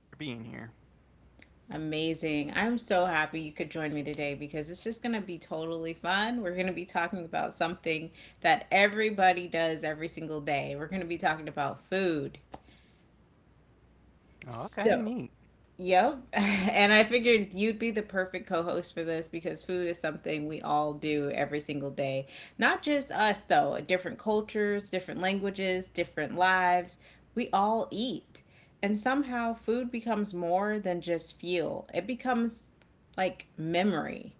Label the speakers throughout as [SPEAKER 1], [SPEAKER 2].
[SPEAKER 1] It's a pleasure being here.
[SPEAKER 2] Amazing. I'm so happy you could join me today because it's just going to be totally fun. We're going to be talking about something that everybody does every single day. We're going to be talking about food.
[SPEAKER 1] Oh,
[SPEAKER 2] So,
[SPEAKER 1] okay, neat.
[SPEAKER 2] yep. And I figured you'd be the perfect co host for this because food is something we all do every single day. Not just us, though, different cultures, different languages, different lives. We all eat. And somehow food becomes more than just fuel, it becomes like memory,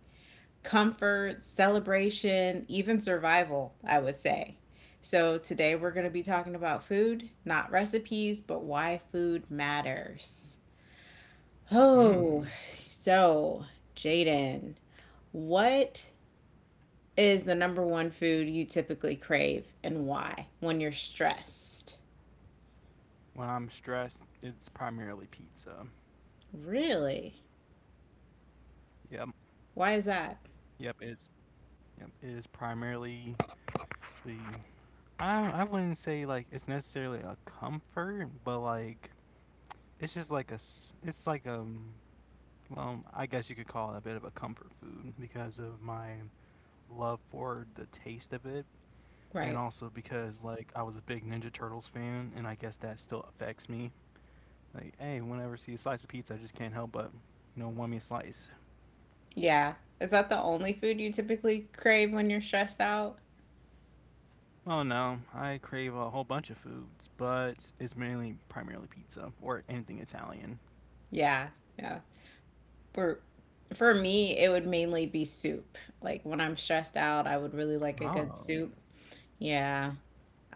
[SPEAKER 2] comfort, celebration, even survival, I would say. So today we're going to be talking about food, not recipes, but why food matters. Oh,
[SPEAKER 1] Mm.
[SPEAKER 2] so Jaden, what is the number one food you typically crave and why when you're stressed?
[SPEAKER 1] When I'm stressed, it's primarily pizza.
[SPEAKER 2] Really?
[SPEAKER 1] Yep.
[SPEAKER 2] Why is that?
[SPEAKER 1] Yep, it's yep, it is primarily the, I wouldn't say like it's necessarily a comfort, but like it's just like a s- it's like a well, I guess you could call it a bit of a comfort food because of my love for the taste of it, and
[SPEAKER 2] Right.
[SPEAKER 1] also because like I was a big Ninja Turtles fan and I guess that still affects me. Like, hey, whenever I see a slice of pizza, I just can't help but, want me a slice.
[SPEAKER 2] Yeah. Is that the only food you typically crave when you're stressed out?
[SPEAKER 1] Well, no, I crave a whole bunch of foods, but it's mainly primarily pizza or anything Italian.
[SPEAKER 2] Yeah. Yeah. For for me, it would mainly be soup. Like when I'm stressed out, I would really like a good
[SPEAKER 1] Oh,
[SPEAKER 2] soup. Yeah.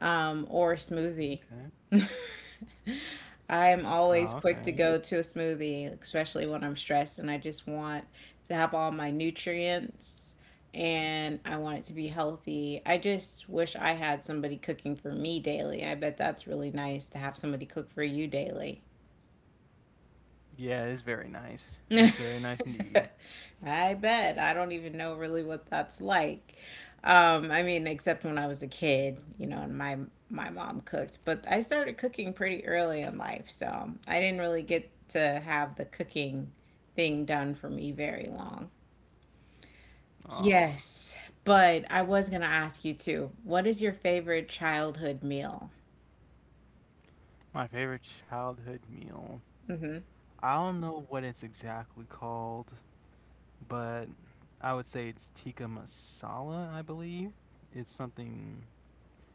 [SPEAKER 2] Or smoothie.
[SPEAKER 1] okay.
[SPEAKER 2] I'm always
[SPEAKER 1] Oh,
[SPEAKER 2] quick to
[SPEAKER 1] okay.
[SPEAKER 2] go to a smoothie, especially when I'm stressed and I just want to have all my nutrients and I want it to be healthy. I just wish I had somebody cooking for me daily. I bet that's really nice to have somebody cook for you daily.
[SPEAKER 1] Yeah, it's very nice. It's very nice indeed.
[SPEAKER 2] I bet. I don't even know really what that's like. I mean, except when I was a kid, you know, and my mom cooked, but I started cooking pretty early in life, so I didn't really get to have the cooking thing done for me very long.
[SPEAKER 1] Oh,
[SPEAKER 2] Yes, but I was gonna ask you too. What is your favorite childhood meal?
[SPEAKER 1] my favorite childhood meal.
[SPEAKER 2] Hmm.
[SPEAKER 1] I don't know what it's exactly called, but I would say it's tikka masala, I believe. It's something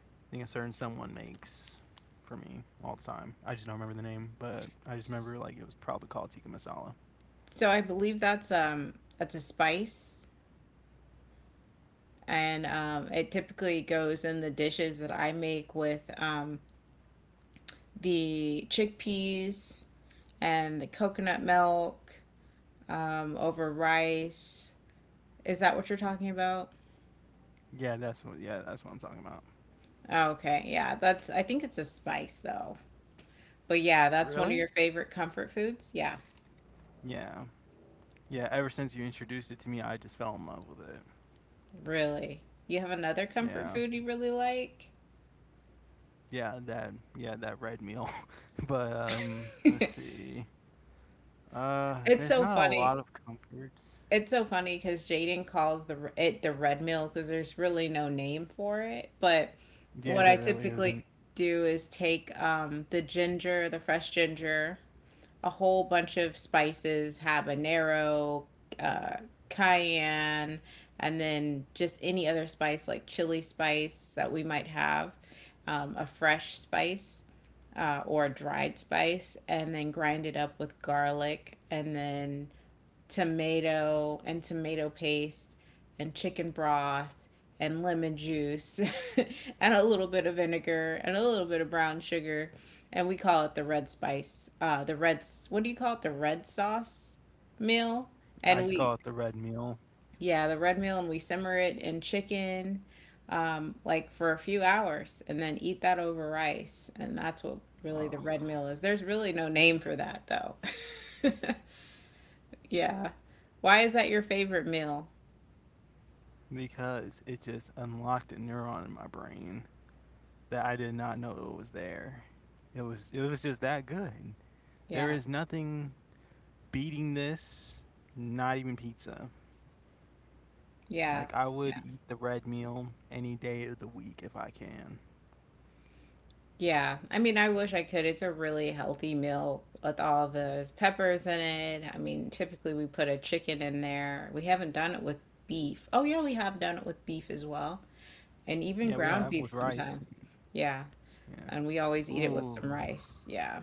[SPEAKER 1] I think a certain someone makes for me all the time. I just don't remember the name, but I just
[SPEAKER 2] So
[SPEAKER 1] remember like it was probably called tikka masala.
[SPEAKER 2] I believe that's a spice, and it typically goes in the dishes that I make with the chickpeas and the coconut milk, over rice. Is that what you're talking about?
[SPEAKER 1] Yeah, that's what I'm talking about.
[SPEAKER 2] Oh, okay, yeah, that's I think it's a spice though. But yeah, that's one of
[SPEAKER 1] Really?
[SPEAKER 2] your favorite comfort foods? Yeah,
[SPEAKER 1] Yeah, yeah. Ever since you introduced it to me, I just fell in love with it.
[SPEAKER 2] really. You have another comfort
[SPEAKER 1] Yeah,
[SPEAKER 2] food you really like?
[SPEAKER 1] yeah. That red meal. but let's see.
[SPEAKER 2] It's
[SPEAKER 1] There's
[SPEAKER 2] so
[SPEAKER 1] not a
[SPEAKER 2] funny.
[SPEAKER 1] lot of comforts.
[SPEAKER 2] It's so funny because Jaden calls the it the red meal because there's really no name for it. But what
[SPEAKER 1] Yeah,
[SPEAKER 2] I
[SPEAKER 1] there really
[SPEAKER 2] typically
[SPEAKER 1] isn't.
[SPEAKER 2] do is take, the ginger, the fresh ginger, a whole bunch of spices, habanero, uh, cayenne, and then just any other spice like chili spice that we might have, a fresh spice or a dried spice, and then grind it up with garlic and then tomato and tomato paste and chicken broth and lemon juice and a little bit of vinegar and a little bit of brown sugar, and we call it the red spice, the red, what do you call it, the red sauce meal,
[SPEAKER 1] I
[SPEAKER 2] and
[SPEAKER 1] just call
[SPEAKER 2] we
[SPEAKER 1] it the red meal.
[SPEAKER 2] yeah the red meal, and we simmer it in chicken, like for a few hours and then eat that over rice, and that's what really the
[SPEAKER 1] Ugh.
[SPEAKER 2] red meal is. There's really no name for that though. Yeah. Why is that your favorite meal?
[SPEAKER 1] Because it just unlocked a neuron in my brain that I did not know it was there. It was just that good. There
[SPEAKER 2] Yeah.
[SPEAKER 1] is nothing beating this, not even pizza.
[SPEAKER 2] Yeah.
[SPEAKER 1] Like I would
[SPEAKER 2] Yeah.
[SPEAKER 1] eat the red meal any day of the week if I can.
[SPEAKER 2] Yeah. I mean, I wish I could. It's a really healthy meal with all the peppers in it. I mean, typically we put a chicken in there. We haven't done it with beef. Oh, yeah, we have done it with beef as well. And even
[SPEAKER 1] Yeah, we
[SPEAKER 2] ground
[SPEAKER 1] have
[SPEAKER 2] beef
[SPEAKER 1] with rice.
[SPEAKER 2] sometime. Yeah. And we always
[SPEAKER 1] Yeah.
[SPEAKER 2] eat it with
[SPEAKER 1] Ooh,
[SPEAKER 2] some rice. Yeah.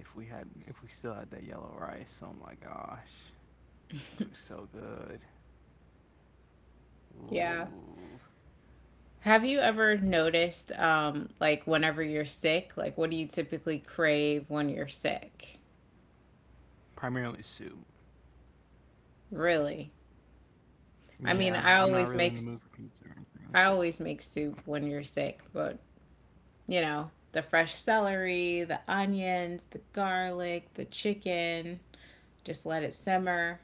[SPEAKER 1] if we still had that yellow rice. Oh my gosh. That was so good.
[SPEAKER 2] Yeah.
[SPEAKER 1] Ooh.
[SPEAKER 2] Have you ever noticed, like whenever you're sick, like what do you typically crave when you're sick?
[SPEAKER 1] Primarily soup.
[SPEAKER 2] Really? I mean, I
[SPEAKER 1] I'm not
[SPEAKER 2] always
[SPEAKER 1] really in
[SPEAKER 2] make
[SPEAKER 1] the mood for pizza or anything.
[SPEAKER 2] I always make soup when you're sick, but you know, the fresh celery, the onions, the garlic, the chicken, just let it simmer.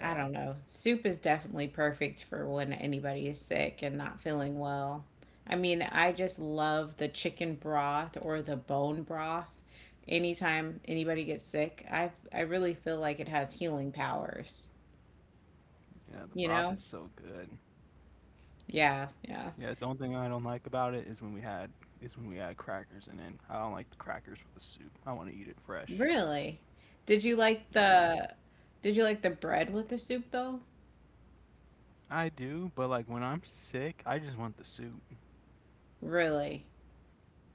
[SPEAKER 2] I don't know. Soup is definitely perfect for when anybody is sick and not feeling well. I mean, I just love the chicken broth or the bone broth. Anytime anybody gets sick, I really feel like it has healing powers,
[SPEAKER 1] Yeah, the
[SPEAKER 2] you
[SPEAKER 1] broth
[SPEAKER 2] know?
[SPEAKER 1] is so good.
[SPEAKER 2] Yeah, yeah.
[SPEAKER 1] Yeah, the only thing I don't like about it is when we had crackers in it. I don't like the crackers with the soup. I want to eat it fresh.
[SPEAKER 2] Really? Did you like
[SPEAKER 1] Yeah,
[SPEAKER 2] the did you like the bread with the soup though?
[SPEAKER 1] I do, but like when I'm sick, I just want the soup.
[SPEAKER 2] Really?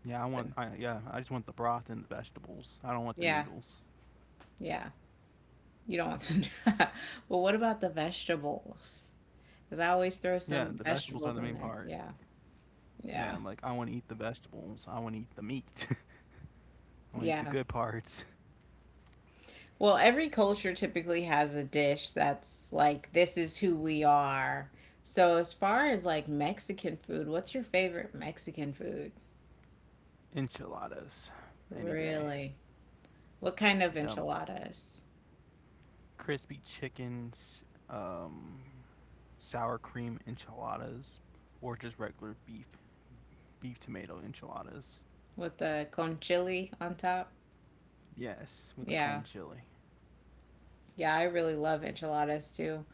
[SPEAKER 2] So,
[SPEAKER 1] Yeah, I just want the broth and the vegetables. I don't want the
[SPEAKER 2] yeah,
[SPEAKER 1] noodles.
[SPEAKER 2] yeah. You don't want to. But what about the vegetables? Because I always throw
[SPEAKER 1] Yeah,
[SPEAKER 2] some
[SPEAKER 1] the vegetables are
[SPEAKER 2] vegetables
[SPEAKER 1] the
[SPEAKER 2] in
[SPEAKER 1] main
[SPEAKER 2] there.
[SPEAKER 1] part.
[SPEAKER 2] Yeah,
[SPEAKER 1] Yeah,
[SPEAKER 2] yeah,
[SPEAKER 1] like I want to eat the vegetables. I want to eat the meat. I want to eat the
[SPEAKER 2] yeah.
[SPEAKER 1] good parts.
[SPEAKER 2] Well, every culture typically has a dish that's like, this is who we are. So, as far as like Mexican food, what's your favorite Mexican food?
[SPEAKER 1] Enchiladas, any day.
[SPEAKER 2] Really? What kind of
[SPEAKER 1] Yep.
[SPEAKER 2] enchiladas?
[SPEAKER 1] Crispy chickens. Sour cream enchiladas or just regular beef, beef tomato enchiladas.
[SPEAKER 2] With the con chili on top.
[SPEAKER 1] Yes, with the
[SPEAKER 2] Yeah.
[SPEAKER 1] cone chili.
[SPEAKER 2] Yeah, I really love enchiladas too.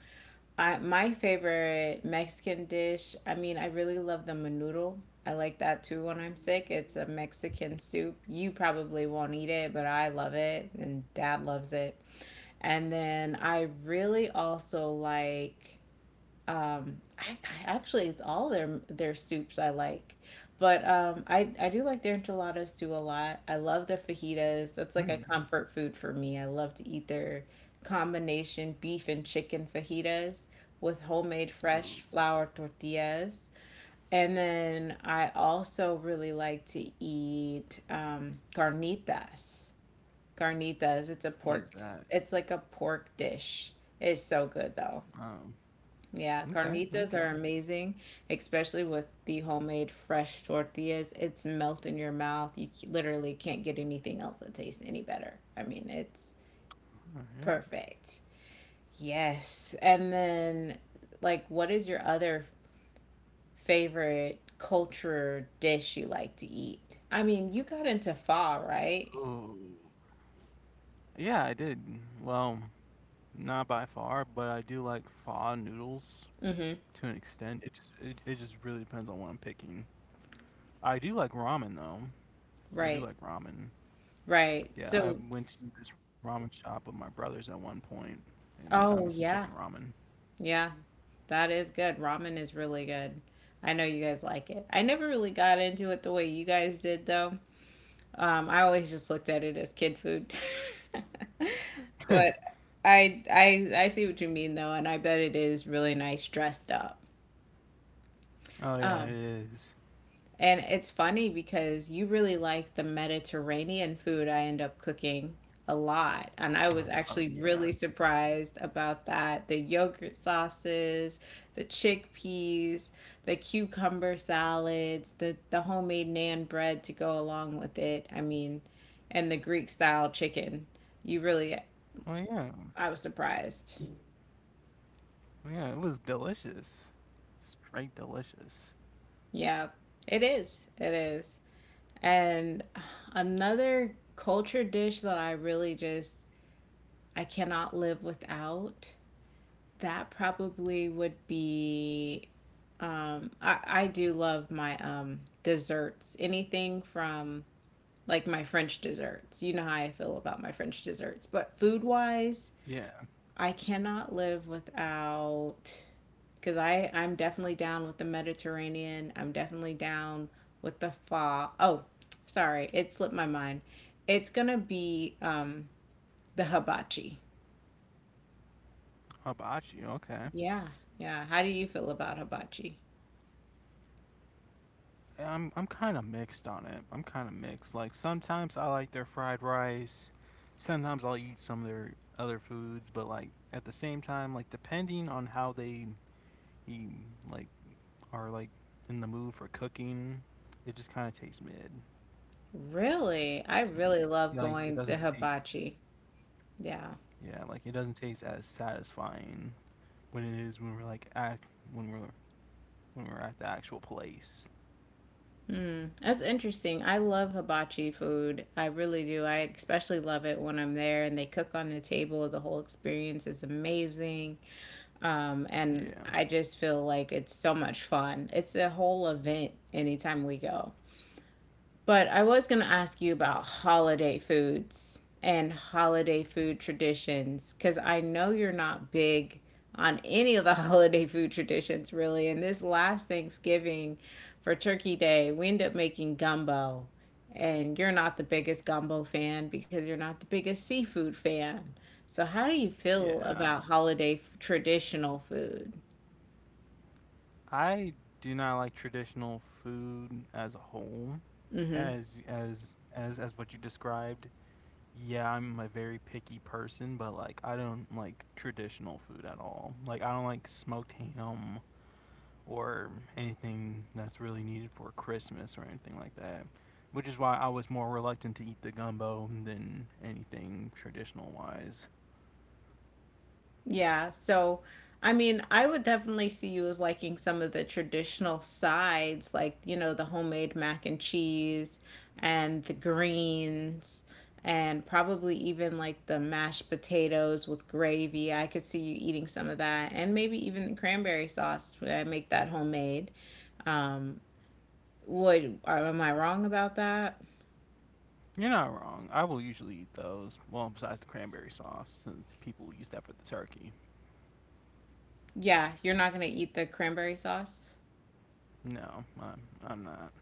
[SPEAKER 2] I my favorite Mexican dish, I mean, I really love the menudo. I like that too when I'm sick. It's a Mexican soup. You probably won't eat it, but I love it and dad loves it. And then I really also like, I actually it's all their soups I like. But I do like their enchiladas too a lot. I love their fajitas. That's like a
[SPEAKER 1] Hmm.
[SPEAKER 2] comfort food for me. I love to eat their combination beef and chicken fajitas with homemade
[SPEAKER 1] Ooh,
[SPEAKER 2] fresh flour tortillas. And then I also really like to eat, carnitas. Carnitas, it's a
[SPEAKER 1] what
[SPEAKER 2] pork,
[SPEAKER 1] is that?
[SPEAKER 2] it's like a pork dish. It's so good though.
[SPEAKER 1] Um,
[SPEAKER 2] Yeah,
[SPEAKER 1] okay,
[SPEAKER 2] carnitas
[SPEAKER 1] okay,
[SPEAKER 2] are amazing, especially with the homemade fresh tortillas. It's melt in your mouth. You literally can't get anything else that tastes any better. I mean, it's
[SPEAKER 1] all right.
[SPEAKER 2] perfect. Yes. And then, like, what is your other favorite culture dish you like to eat? I mean, you got into pho, right?
[SPEAKER 1] Ooh, yeah, I did. Well, not by far, but I do like pho noodles
[SPEAKER 2] Mm-hmm.
[SPEAKER 1] to an extent. It just really depends on what I'm picking. I do like ramen though. I do
[SPEAKER 2] Right.
[SPEAKER 1] like ramen.
[SPEAKER 2] Right.
[SPEAKER 1] Yeah, I
[SPEAKER 2] So,
[SPEAKER 1] went to this ramen shop with my brothers at one point, and I got me some
[SPEAKER 2] oh,
[SPEAKER 1] chicken
[SPEAKER 2] yeah.
[SPEAKER 1] ramen.
[SPEAKER 2] Yeah, that is good. Ramen is really good. I know you guys like it. I never really got into it the way you guys did, though. I always just looked at it as kid food. But I see what you mean though, and I bet it is really nice dressed up.
[SPEAKER 1] Oh yeah, it
[SPEAKER 2] Um.
[SPEAKER 1] is.
[SPEAKER 2] And it's funny because you really like the Mediterranean food I end up cooking a lot. And I
[SPEAKER 1] Oh,
[SPEAKER 2] was
[SPEAKER 1] oh,
[SPEAKER 2] actually
[SPEAKER 1] yeah.
[SPEAKER 2] really surprised about that. The yogurt sauces, the chickpeas, the cucumber salads, the homemade naan bread to go along with it. I mean, and the Greek style chicken. You really,
[SPEAKER 1] Oh yeah.
[SPEAKER 2] I was surprised.
[SPEAKER 1] Oh, yeah, it was delicious. Straight delicious.
[SPEAKER 2] Yeah, it is. It is. And another culture dish that I really just I cannot live without, that probably would be I do love my desserts. Anything from like my French desserts. You know how I feel about my French desserts. But food wise,
[SPEAKER 1] Yeah.
[SPEAKER 2] I cannot live without because I'm definitely down with the Mediterranean. I'm definitely down with the fa. Oh, sorry, it slipped my mind. It's gonna be the hibachi.
[SPEAKER 1] Hibachi, okay.
[SPEAKER 2] Yeah, yeah. How do you feel about hibachi?
[SPEAKER 1] I'm kind of mixed on it. I'm kind of mixed. Like sometimes I like their fried rice. Sometimes I'll eat some of their other foods, but like at the same time, like depending on how they eat, like are like in the mood for cooking, it just kind of tastes mid.
[SPEAKER 2] Really? I really love
[SPEAKER 1] Like it
[SPEAKER 2] going to
[SPEAKER 1] doesn't taste
[SPEAKER 2] hibachi. Yeah.
[SPEAKER 1] Yeah, like it doesn't taste as satisfying when it is when we're like act when we're when we're at the actual place.
[SPEAKER 2] Hmm. That's interesting. I love hibachi food. I really do. I especially love it when I'm there and they cook on the table. The whole experience is amazing. And
[SPEAKER 1] Yeah.
[SPEAKER 2] I just feel like it's so much fun. It's a whole event anytime we go. But I was going to ask you about holiday foods and holiday food traditions because I know you're not big on any of the holiday food traditions, really. And this last Thanksgiving for Turkey Day, we ended up making gumbo. And you're not the biggest gumbo fan because you're not the biggest seafood fan. So, how do you feel
[SPEAKER 1] Yeah.
[SPEAKER 2] about holiday traditional food?
[SPEAKER 1] I do not like traditional food as a whole. As what you described. Yeah, I'm a very picky person, but like I don't like traditional food at all. Like I don't like smoked ham, or anything that's really needed for Christmas or anything like that. Which is why I was more reluctant to eat the gumbo than anything traditional wise.
[SPEAKER 2] Yeah, so I mean, I would definitely see you as liking some of the traditional sides, like, you know, the homemade mac and cheese and the greens and probably even like the mashed potatoes with gravy. I could see you eating some of that and maybe even the cranberry sauce when I make that homemade. Um, would are, am I wrong about that?
[SPEAKER 1] You're not wrong. I will usually eat those. Well, besides the cranberry sauce, since people use that for the turkey.
[SPEAKER 2] Yeah, you're not gonna eat the cranberry sauce,
[SPEAKER 1] No, I'm, I'm not.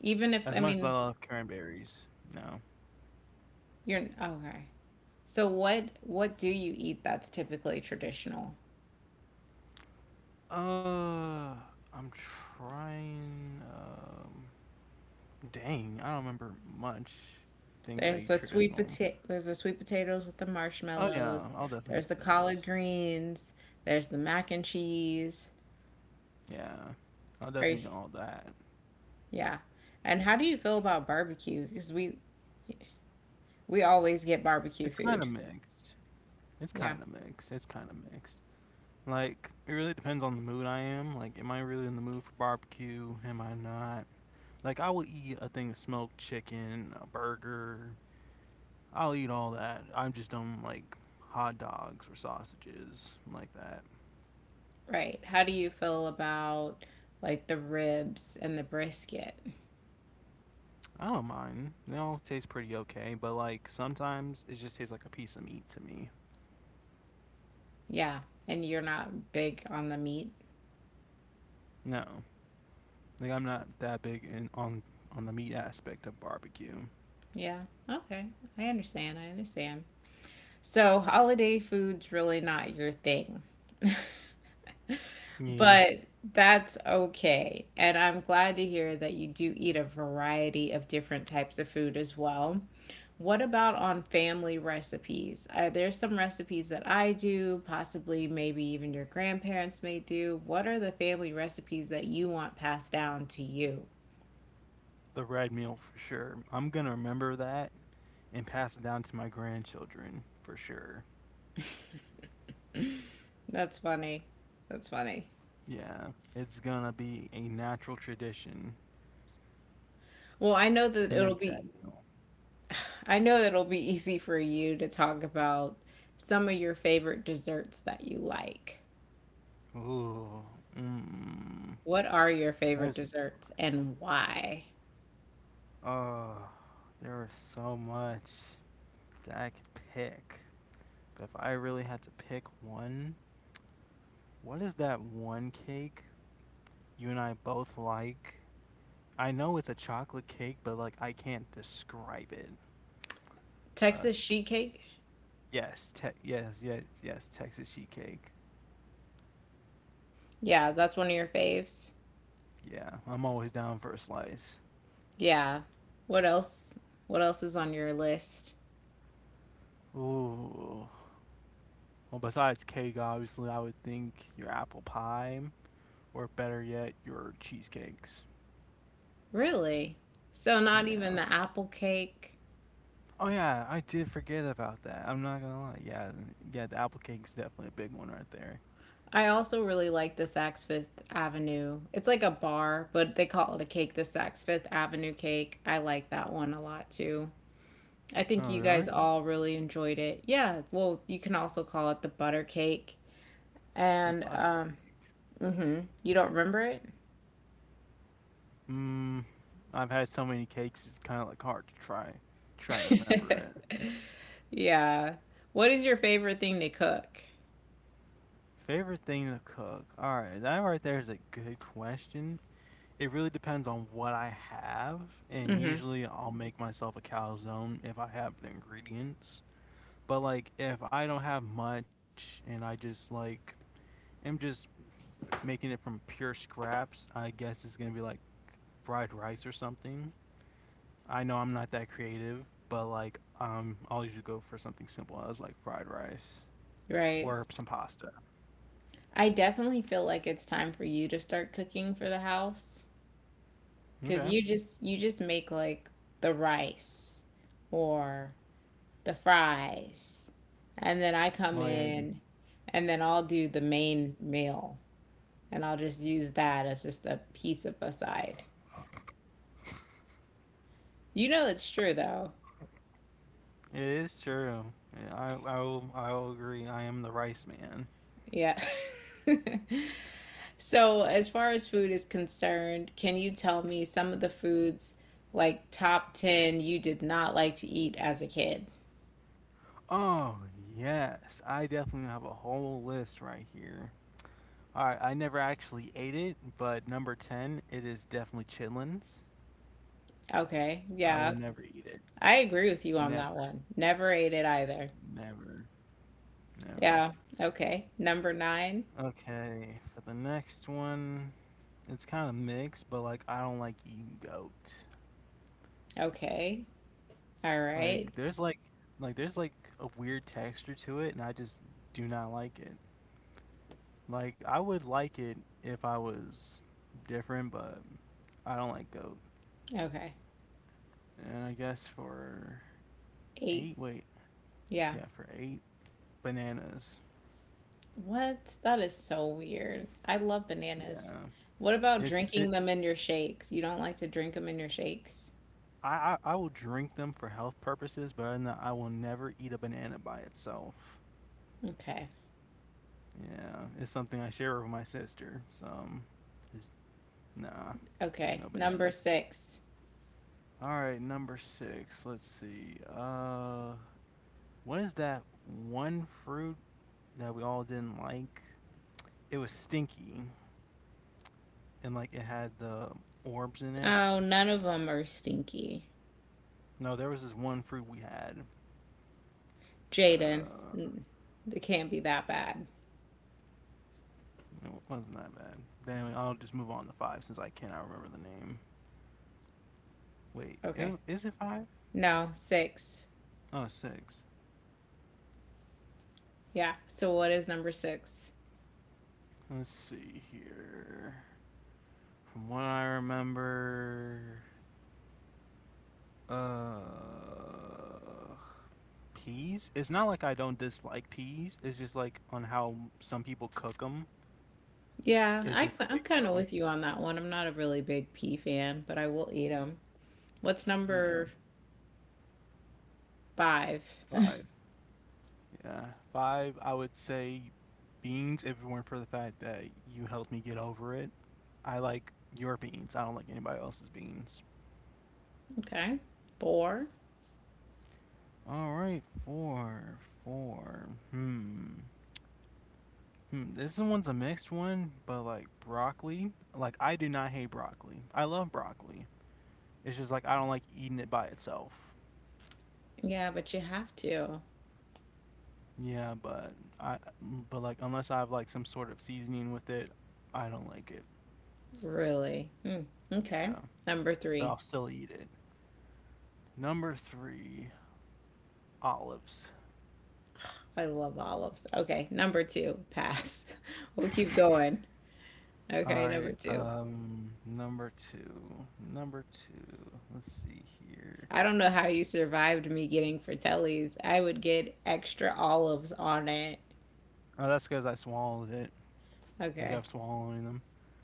[SPEAKER 2] even if
[SPEAKER 1] As
[SPEAKER 2] I
[SPEAKER 1] much as I
[SPEAKER 2] mean
[SPEAKER 1] love cranberries, no.
[SPEAKER 2] you're okay. So what do you eat that's typically traditional?
[SPEAKER 1] Uh, I'm trying. Dang, I don't remember much things I
[SPEAKER 2] There's
[SPEAKER 1] eat
[SPEAKER 2] the sweet
[SPEAKER 1] traditional.
[SPEAKER 2] potato there's the sweet potatoes with the
[SPEAKER 1] Oh yeah,
[SPEAKER 2] marshmallows.
[SPEAKER 1] I'll definitely
[SPEAKER 2] There's
[SPEAKER 1] eat
[SPEAKER 2] the collard
[SPEAKER 1] this.
[SPEAKER 2] greens. There's the mac and cheese.
[SPEAKER 1] Yeah, I'll
[SPEAKER 2] Are you-
[SPEAKER 1] definitely eat all that.
[SPEAKER 2] yeah. And how do you feel about barbecue? Because we always get barbecue
[SPEAKER 1] It's kind of
[SPEAKER 2] food.
[SPEAKER 1] mixed. It's
[SPEAKER 2] Yeah.
[SPEAKER 1] kind of mixed. It's kind of mixed. Like, it really depends on the mood I am. Like, am I really in the mood for barbecue? Am I not? Like, I will eat a thing of smoked chicken, a burger. I'll eat all that. I just don't like hot dogs or sausages like that.
[SPEAKER 2] Right. How do you feel about like the ribs and the brisket?
[SPEAKER 1] I don't mind. They all taste pretty okay, but like sometimes it just tastes like a piece of meat to me.
[SPEAKER 2] Yeah. And you're not big on the meat?
[SPEAKER 1] No, like I'm not that big in on the meat aspect of barbecue.
[SPEAKER 2] Yeah. Okay. I understand. I understand. So, holiday food's really not your thing,
[SPEAKER 1] Yeah,
[SPEAKER 2] but that's okay. And I'm glad to hear that you do eat a variety of different types of food as well. What about on family recipes? Are there some recipes that I do, possibly maybe even your grandparents may do? What are the family recipes that you want passed down to you?
[SPEAKER 1] the red meal for sure. I'm gonna remember that and pass it down to my grandchildren for sure.
[SPEAKER 2] That's funny. That's funny.
[SPEAKER 1] Yeah, it's gonna be a natural tradition
[SPEAKER 2] Well, I know
[SPEAKER 1] to
[SPEAKER 2] that it'll
[SPEAKER 1] make that
[SPEAKER 2] be
[SPEAKER 1] meal.
[SPEAKER 2] I know it'll be easy for you to talk about some of your favorite desserts that you like.
[SPEAKER 1] Ooh, mm,
[SPEAKER 2] What are your favorite
[SPEAKER 1] there's
[SPEAKER 2] desserts and why?
[SPEAKER 1] oh, there is so much that I could pick. But if I really had to pick one, what is that one cake you and I both like? I know it's a chocolate cake, but like I can't describe it. Uh,
[SPEAKER 2] Texas sheet cake?
[SPEAKER 1] Yes, Texas sheet cake.
[SPEAKER 2] Yeah, that's one of your faves.
[SPEAKER 1] Yeah, I'm always down for a slice.
[SPEAKER 2] Yeah. What else? What else is on your list?
[SPEAKER 1] Ooh. Well, besides cake, obviously, I would think your apple pie, or better yet, your cheesecakes.
[SPEAKER 2] Really? So not even
[SPEAKER 1] Yeah.
[SPEAKER 2] the apple cake.
[SPEAKER 1] Oh yeah, I did forget about that. I'm not gonna lie. Yeah, yeah, the apple cake's definitely a big one right there.
[SPEAKER 2] I also really like the Saks Fifth Avenue. It's like a bar, but they call it a cake, the Saks Fifth Avenue cake. I like that one a lot too. I think
[SPEAKER 1] Oh
[SPEAKER 2] you
[SPEAKER 1] really?
[SPEAKER 2] guys all really enjoyed it. Yeah, well, you can also call it the butter cake.
[SPEAKER 1] The
[SPEAKER 2] And
[SPEAKER 1] butter cake.
[SPEAKER 2] Mhm, you don't remember
[SPEAKER 1] Mmm. I've had so many cakes, it's kind of like try to remember
[SPEAKER 2] it?
[SPEAKER 1] it.
[SPEAKER 2] Yeah. What is your favorite thing to cook?
[SPEAKER 1] Favorite thing to cook? All right, that right there is a good question. It really depends on what I have, and usually I'll make myself a calzone if I have the ingredients. But like if I don't have much and I just am just making it from pure scraps, I guess it's gonna be like fried rice or something. I know I'm not that creative, but like I'll usually go for something simple as like fried rice
[SPEAKER 2] Right.
[SPEAKER 1] or some pasta.
[SPEAKER 2] I definitely feel like it's time for you to start cooking for the house cuz
[SPEAKER 1] Okay.
[SPEAKER 2] you just make like the rice or the fries. And then I come
[SPEAKER 1] Well, yeah,
[SPEAKER 2] in and then I'll do the main meal, and I'll just use that as just a piece of aside. You know it's true though.
[SPEAKER 1] it is true. Yeah, I will agree. I am the rice man.
[SPEAKER 2] Yeah. So, as far as food is concerned, can you tell me some of the foods like top 10 you did not like to eat as a kid?
[SPEAKER 1] Oh yes, I definitely have a whole list right here. All right, I never actually ate it, but number ten, it is definitely chitlins.
[SPEAKER 2] Okay.
[SPEAKER 1] I
[SPEAKER 2] Yeah.
[SPEAKER 1] will never eat it.
[SPEAKER 2] I agree with you on that
[SPEAKER 1] Never,
[SPEAKER 2] one. Never ate it either.
[SPEAKER 1] never, never.
[SPEAKER 2] Yeah. Okay. Number 9.
[SPEAKER 1] Okay, for the next one, it's kind of mixed, but like I don't like eating goat.
[SPEAKER 2] Okay. All
[SPEAKER 1] Like
[SPEAKER 2] right.
[SPEAKER 1] there's like like there's like a weird texture to it, and I just do not like it. Like I would like it if I was different, but I don't like goat.
[SPEAKER 2] Okay.
[SPEAKER 1] And I guess for
[SPEAKER 2] 8.
[SPEAKER 1] eight, wait,
[SPEAKER 2] Yeah.
[SPEAKER 1] yeah, for eight, bananas.
[SPEAKER 2] What? That is so weird. I love bananas.
[SPEAKER 1] Yeah,
[SPEAKER 2] What about
[SPEAKER 1] it's it.
[SPEAKER 2] drinking them in your shakes? You don't like to drink them in your shakes?
[SPEAKER 1] I will drink them for health purposes, but other than that, I will never eat a banana by itself.
[SPEAKER 2] Okay.
[SPEAKER 1] Yeah, it's something I share with my sister. It's, nah,
[SPEAKER 2] Okay.
[SPEAKER 1] no
[SPEAKER 2] Number
[SPEAKER 1] bananas.
[SPEAKER 2] six.
[SPEAKER 1] All right, number six. Let's see. What is that one fruit that we all didn't like? It was stinky and like it had the orbs in it.
[SPEAKER 2] Oh, none of them are stinky.
[SPEAKER 1] No, there was this one fruit we had.
[SPEAKER 2] Jaden,
[SPEAKER 1] Uh,
[SPEAKER 2] mm, they can't be that bad.
[SPEAKER 1] it wasn't that bad. But anyway, I'll just move on to five since I cannot remember the name. Wait,
[SPEAKER 2] Okay.
[SPEAKER 1] I- is it five?
[SPEAKER 2] No, six.
[SPEAKER 1] Oh, six.
[SPEAKER 2] Yeah. So what is number six?
[SPEAKER 1] Let's see here. From what I remember, uh, peas. It's not like I don't dislike peas. It's just like on how some people cook them.
[SPEAKER 2] Yeah,
[SPEAKER 1] It's
[SPEAKER 2] I,
[SPEAKER 1] just a
[SPEAKER 2] I'm
[SPEAKER 1] big
[SPEAKER 2] kind of
[SPEAKER 1] no.
[SPEAKER 2] with you on that one. I'm not a really big pea fan, but I will eat them. What's
[SPEAKER 1] Yeah,
[SPEAKER 2] number five?
[SPEAKER 1] five. Yeah. Five, I would say beans, if it weren't for the fact that you helped me get over it. I like your beans. I don't like anybody else's beans.
[SPEAKER 2] Okay. Four.
[SPEAKER 1] All right, four. Hmm. Hmm. This one's a mixed one, but like broccoli. Like, I do not hate broccoli. I love broccoli. It's just like I don't like eating it by itself.
[SPEAKER 2] Yeah, but you have to,
[SPEAKER 1] Yeah, but I, but like, unless I have like some sort of seasoning with it, I don't like it.
[SPEAKER 2] really. Hmm. Okay.
[SPEAKER 1] Yeah,
[SPEAKER 2] Number
[SPEAKER 1] but
[SPEAKER 2] three.
[SPEAKER 1] I'll still eat it. Number three, olives.
[SPEAKER 2] I love olives. Okay. Number two. Pass. We'll keep going.
[SPEAKER 1] All
[SPEAKER 2] Okay.
[SPEAKER 1] right.
[SPEAKER 2] Number two.
[SPEAKER 1] Number two. Number two. Let's see here.
[SPEAKER 2] I don't know how you survived me getting Fratellis. I would get extra olives on it.
[SPEAKER 1] Oh, that's because I swallowed it. I kept
[SPEAKER 2] Okay.
[SPEAKER 1] swallowing them.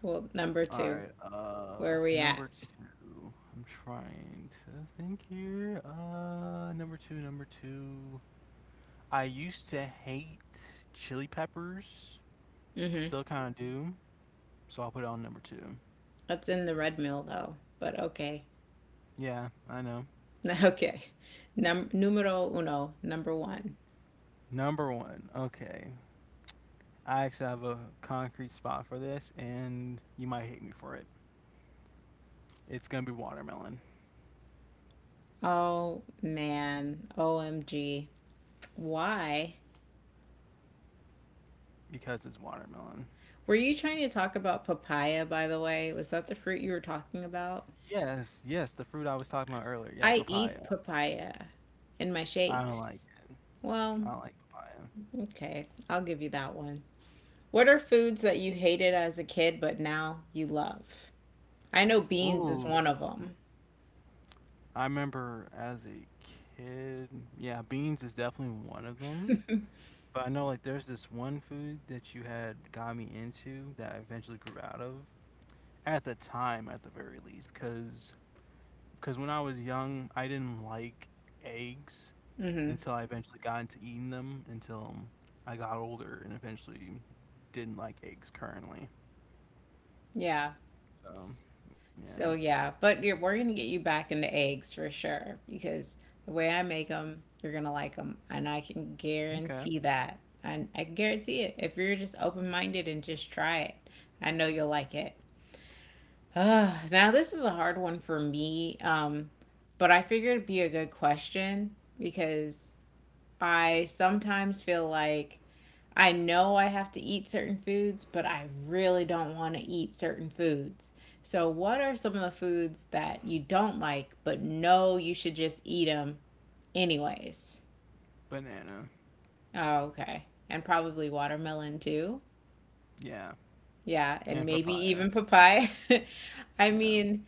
[SPEAKER 2] Well, number
[SPEAKER 1] All right.
[SPEAKER 2] two. Where are we
[SPEAKER 1] Number
[SPEAKER 2] at?
[SPEAKER 1] two. I'm trying to think here. Number two. Number two. I used to hate chili peppers.
[SPEAKER 2] Mm-hmm.
[SPEAKER 1] Still kind of do. So I'll put it on number two.
[SPEAKER 2] That's in the red mill, though. But okay.
[SPEAKER 1] Yeah, I know.
[SPEAKER 2] Okay. Num- numero uno. Number one.
[SPEAKER 1] Number one. Okay. I actually have a concrete spot for this, and you might hate me for it. It's gonna be watermelon
[SPEAKER 2] Oh, man. OMG. Why?
[SPEAKER 1] because it's watermelon.
[SPEAKER 2] Were you trying to talk about papaya, by the way? Was that the fruit you were talking about?
[SPEAKER 1] Yes, yes, the fruit I was talking about earlier. Yeah,
[SPEAKER 2] I
[SPEAKER 1] papaya.
[SPEAKER 2] eat papaya in my
[SPEAKER 1] I don't like
[SPEAKER 2] shakes.
[SPEAKER 1] it.
[SPEAKER 2] Well,
[SPEAKER 1] I don't like papaya.
[SPEAKER 2] okay, I'll give you that one. What are foods that you hated as a kid but now you love? I know beans is
[SPEAKER 1] Ooh,
[SPEAKER 2] one of them.
[SPEAKER 1] I remember as a kid. Yeah, beans is definitely one of them. But I know like there's this one food that you had got me into that I eventually grew out of at the time, at the very least, because when I was young, I didn't like eggs
[SPEAKER 2] Hmm.
[SPEAKER 1] until I eventually got into eating them until I got older and eventually didn't like eggs currently.
[SPEAKER 2] Yeah.
[SPEAKER 1] So, yeah.
[SPEAKER 2] So yeah, but you're, we're gonna get you back into eggs for sure because the way I make them, you're gonna like them, and I can
[SPEAKER 1] Okay.
[SPEAKER 2] guarantee that. I guarantee it. If you're just open minded and just try it, I know you'll like it. Ah, now this is a hard one for me, but I figured it'd be a good question because I sometimes feel like I know I have to eat certain foods, but I really don't want to eat certain foods. So, what are some of the foods that you don't like, but know you should just eat them anyways?
[SPEAKER 1] Banana.
[SPEAKER 2] Oh, okay. And probably watermelon too.
[SPEAKER 1] Yeah.
[SPEAKER 2] Yeah, and
[SPEAKER 1] And
[SPEAKER 2] maybe
[SPEAKER 1] papaya.
[SPEAKER 2] even papaya. I
[SPEAKER 1] Yeah.
[SPEAKER 2] mean,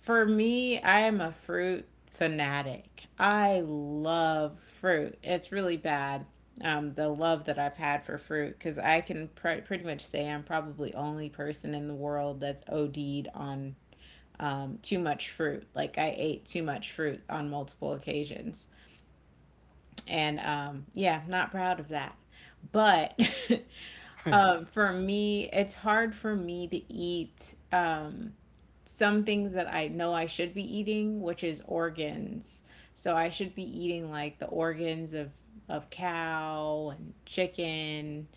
[SPEAKER 2] for me, I am a fruit fanatic. I love fruit. It's really bad, the love that I've had for fruit, because I can pr- pretty much say I'm probably only person in the world that's OD'd on too much fruit. Like I ate too much fruit on multiple occasions, and yeah, not proud of that. But for me, it's hard for me to eat some things that I know I should be eating, which is organs. So I should be eating like the organs of cow and chicken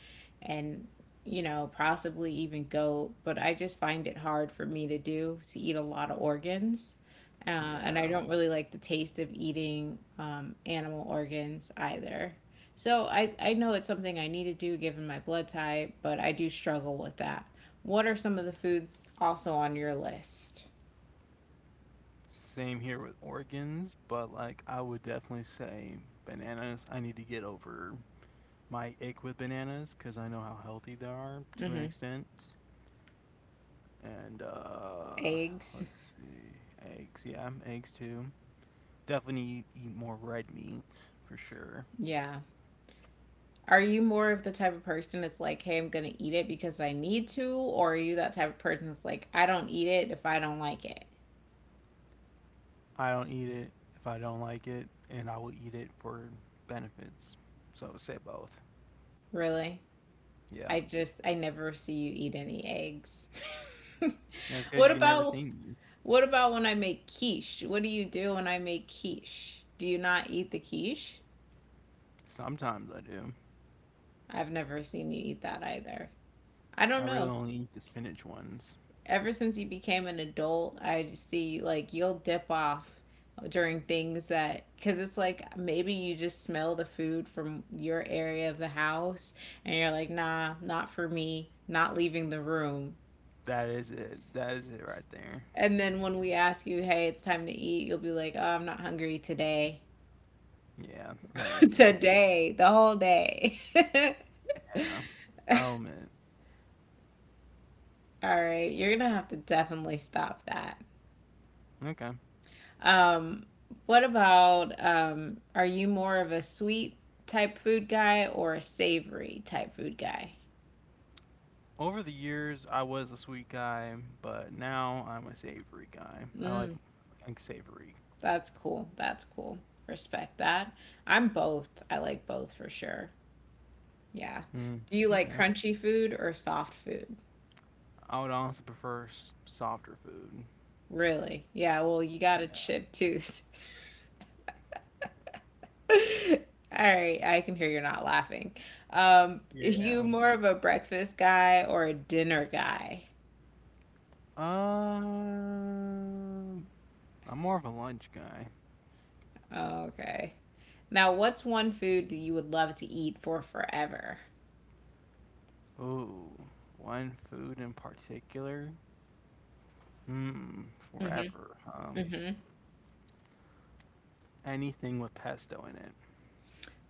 [SPEAKER 2] and you know, possibly even goat, but I just find it hard for me to do to eat a lot of organs. And
[SPEAKER 1] yeah.
[SPEAKER 2] I don't really like the taste of eating animal organs either. So I know it's something I need to do given my blood type, but I do struggle with that. What are some of the foods also on your list?
[SPEAKER 1] Same here with organs, but like I would definitely say bananas. I need to get over my ache with bananas because I know how healthy they are to an extent. and uh,
[SPEAKER 2] Eggs.
[SPEAKER 1] eggs. Yeah, eggs too. Definitely eat more red meat for sure.
[SPEAKER 2] Yeah. Are you more of the type of person that's like, hey, I'm going to eat it because I need to? Or are you that type of person that's like, I don't eat it if I don't like it?
[SPEAKER 1] I don't eat it if I don't like it, and I will eat it for benefits. So I would say both.
[SPEAKER 2] Really?
[SPEAKER 1] Yeah,
[SPEAKER 2] I never see you eat any eggs.
[SPEAKER 1] that's because
[SPEAKER 2] What
[SPEAKER 1] you never
[SPEAKER 2] about,
[SPEAKER 1] seen me.
[SPEAKER 2] what about when I make quiche? What do you do when I make quiche? Do you not eat the quiche?
[SPEAKER 1] Sometimes I do.
[SPEAKER 2] I've never seen you eat that either. I
[SPEAKER 1] I
[SPEAKER 2] don't
[SPEAKER 1] really
[SPEAKER 2] know.
[SPEAKER 1] only eat the spinach ones.
[SPEAKER 2] Ever since you became an adult, I just see like you'll dip off during things that because it's like maybe you just smell the food from your area of the house and you're like, nah, not for me, not leaving the room.
[SPEAKER 1] That is it. That is it right there.
[SPEAKER 2] And then when we ask you, hey, it's time to eat, you'll be like, oh, I'm not hungry today.
[SPEAKER 1] Yeah, that is me.
[SPEAKER 2] Today, the whole day.
[SPEAKER 1] Yeah. Oh man.
[SPEAKER 2] All right, you're gonna have to definitely stop that.
[SPEAKER 1] Okay.
[SPEAKER 2] Um, what about are you more of a sweet type food guy or a savory type food guy?
[SPEAKER 1] Over the years, I was a sweet guy, but now I'm a savory guy. Like savory.
[SPEAKER 2] That's cool. That's cool. Respect that. I'm both. I like both for sure. Yeah.
[SPEAKER 1] Mm,
[SPEAKER 2] Do you like
[SPEAKER 1] okay.
[SPEAKER 2] crunchy food or soft food?
[SPEAKER 1] I would honestly prefer s- softer food.
[SPEAKER 2] Really? Yeah, well, you
[SPEAKER 1] Yeah.
[SPEAKER 2] got a chip tooth. All right, I can hear you're not laughing. Are
[SPEAKER 1] Yeah.
[SPEAKER 2] you more of a breakfast guy or a dinner guy?
[SPEAKER 1] Uh, I'm more of a lunch guy.
[SPEAKER 2] Okay. Now, what's one food that you would love to eat for forever?
[SPEAKER 1] Ooh, one food in particular. Hmm, forever. Anything with pesto in it.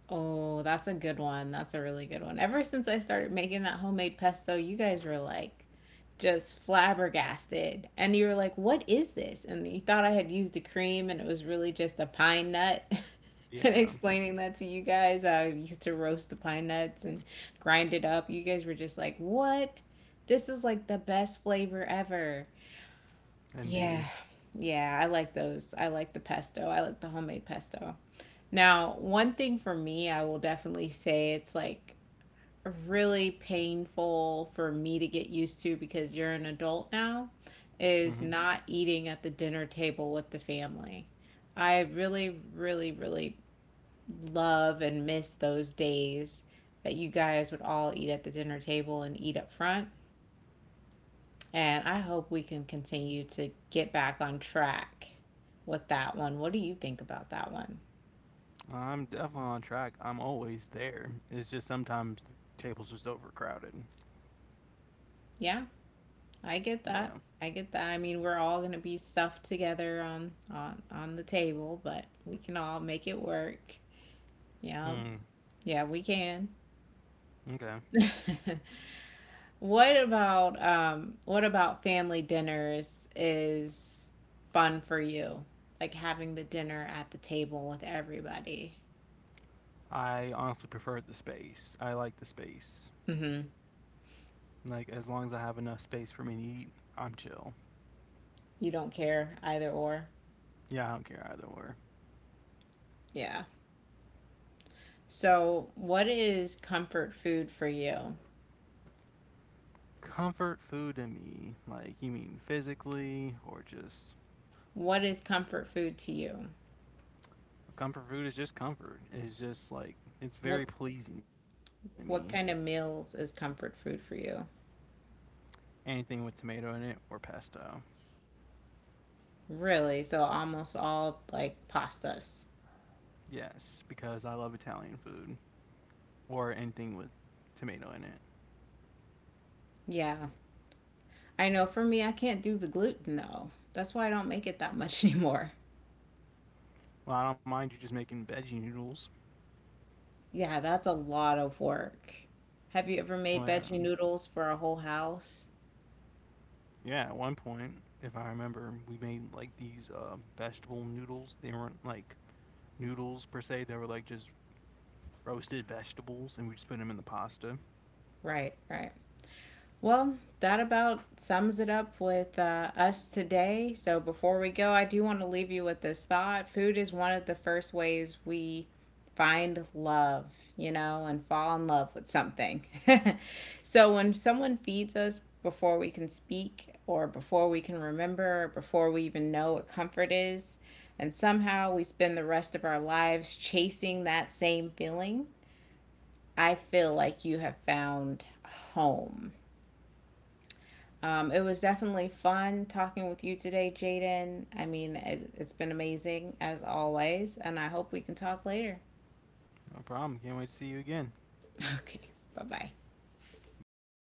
[SPEAKER 2] Oh, that's a good one. That's a really good one. Ever since I started making that homemade pesto, you guys were like just flabbergasted. And you were like, what is this? And you thought I had used the cream and it was really just a pine nut. And
[SPEAKER 1] Yeah,
[SPEAKER 2] explaining that to you guys, I used to roast the pine nuts and grind it up. You guys were just like, what? This is like the best flavor ever.
[SPEAKER 1] indeed.
[SPEAKER 2] Yeah. Yeah, I like those. I like the pesto. I like the homemade pesto. Now, one thing for me, I will definitely say it's like really painful for me to get used to because you're an adult now, is
[SPEAKER 1] Hmm.
[SPEAKER 2] not eating at the dinner table with the family. I really love and miss those days that you guys would all eat at the dinner table and eat up front. And I hope we can continue to get back on track with that one. What do you think about that one?
[SPEAKER 1] I'm definitely on track. I'm always there. It's just sometimes the table's just overcrowded.
[SPEAKER 2] Yeah, I get
[SPEAKER 1] Yeah.
[SPEAKER 2] that. I get that. I mean, we're all going to be stuffed together on on the table, but we can all make it work. Yeah.
[SPEAKER 1] Hmm.
[SPEAKER 2] Yeah, we can.
[SPEAKER 1] Okay.
[SPEAKER 2] What about family dinners is fun for you? Like having the dinner at the table with everybody.
[SPEAKER 1] I honestly prefer the space. I like the space.
[SPEAKER 2] Mhm.
[SPEAKER 1] Like, as long as I have enough space for me to eat, I'm chill.
[SPEAKER 2] You don't care either or.
[SPEAKER 1] Yeah, I don't care either way.
[SPEAKER 2] Yeah. So, what is comfort food for you?
[SPEAKER 1] Comfort food to me, like, you mean physically or just.
[SPEAKER 2] What is comfort food to you?
[SPEAKER 1] Comfort food is just comfort. It's just like, it's very
[SPEAKER 2] What
[SPEAKER 1] pleasing to me.
[SPEAKER 2] what kind of meals is comfort food for you?
[SPEAKER 1] Anything with tomato in it or pesto.
[SPEAKER 2] Really? So almost all like pastas.
[SPEAKER 1] Yes, because I love Italian food, or anything with tomato in it.
[SPEAKER 2] Yeah. I know for me I can't do the gluten though. That's why I don't make it that much anymore.
[SPEAKER 1] Well, I don't mind you just making veggie noodles.
[SPEAKER 2] Yeah, that's a lot of work. Have you ever made
[SPEAKER 1] Like,
[SPEAKER 2] veggie
[SPEAKER 1] um,
[SPEAKER 2] noodles for a whole house?
[SPEAKER 1] yeah, at one point, if I remember, we made like these vegetable noodles. They weren't like noodles per se. They were like just roasted vegetables, and we just put them in the pasta.
[SPEAKER 2] Right, right. Well, that about sums it up with us today. So before we go, I do want to leave you with this thought. Food is one of the first ways we find love, you know, and fall in love with something. So when someone feeds us before we can speak, or before we can remember, or before we even know what comfort is, and somehow we spend the rest of our lives chasing that same feeling, I feel like you have found home. It was definitely fun talking with you today, Jaden. I mean, it's been amazing as always, and I hope we can talk later.
[SPEAKER 1] No problem. Can't wait to see you again.
[SPEAKER 2] Okay, bye bye.
[SPEAKER 1] Bye.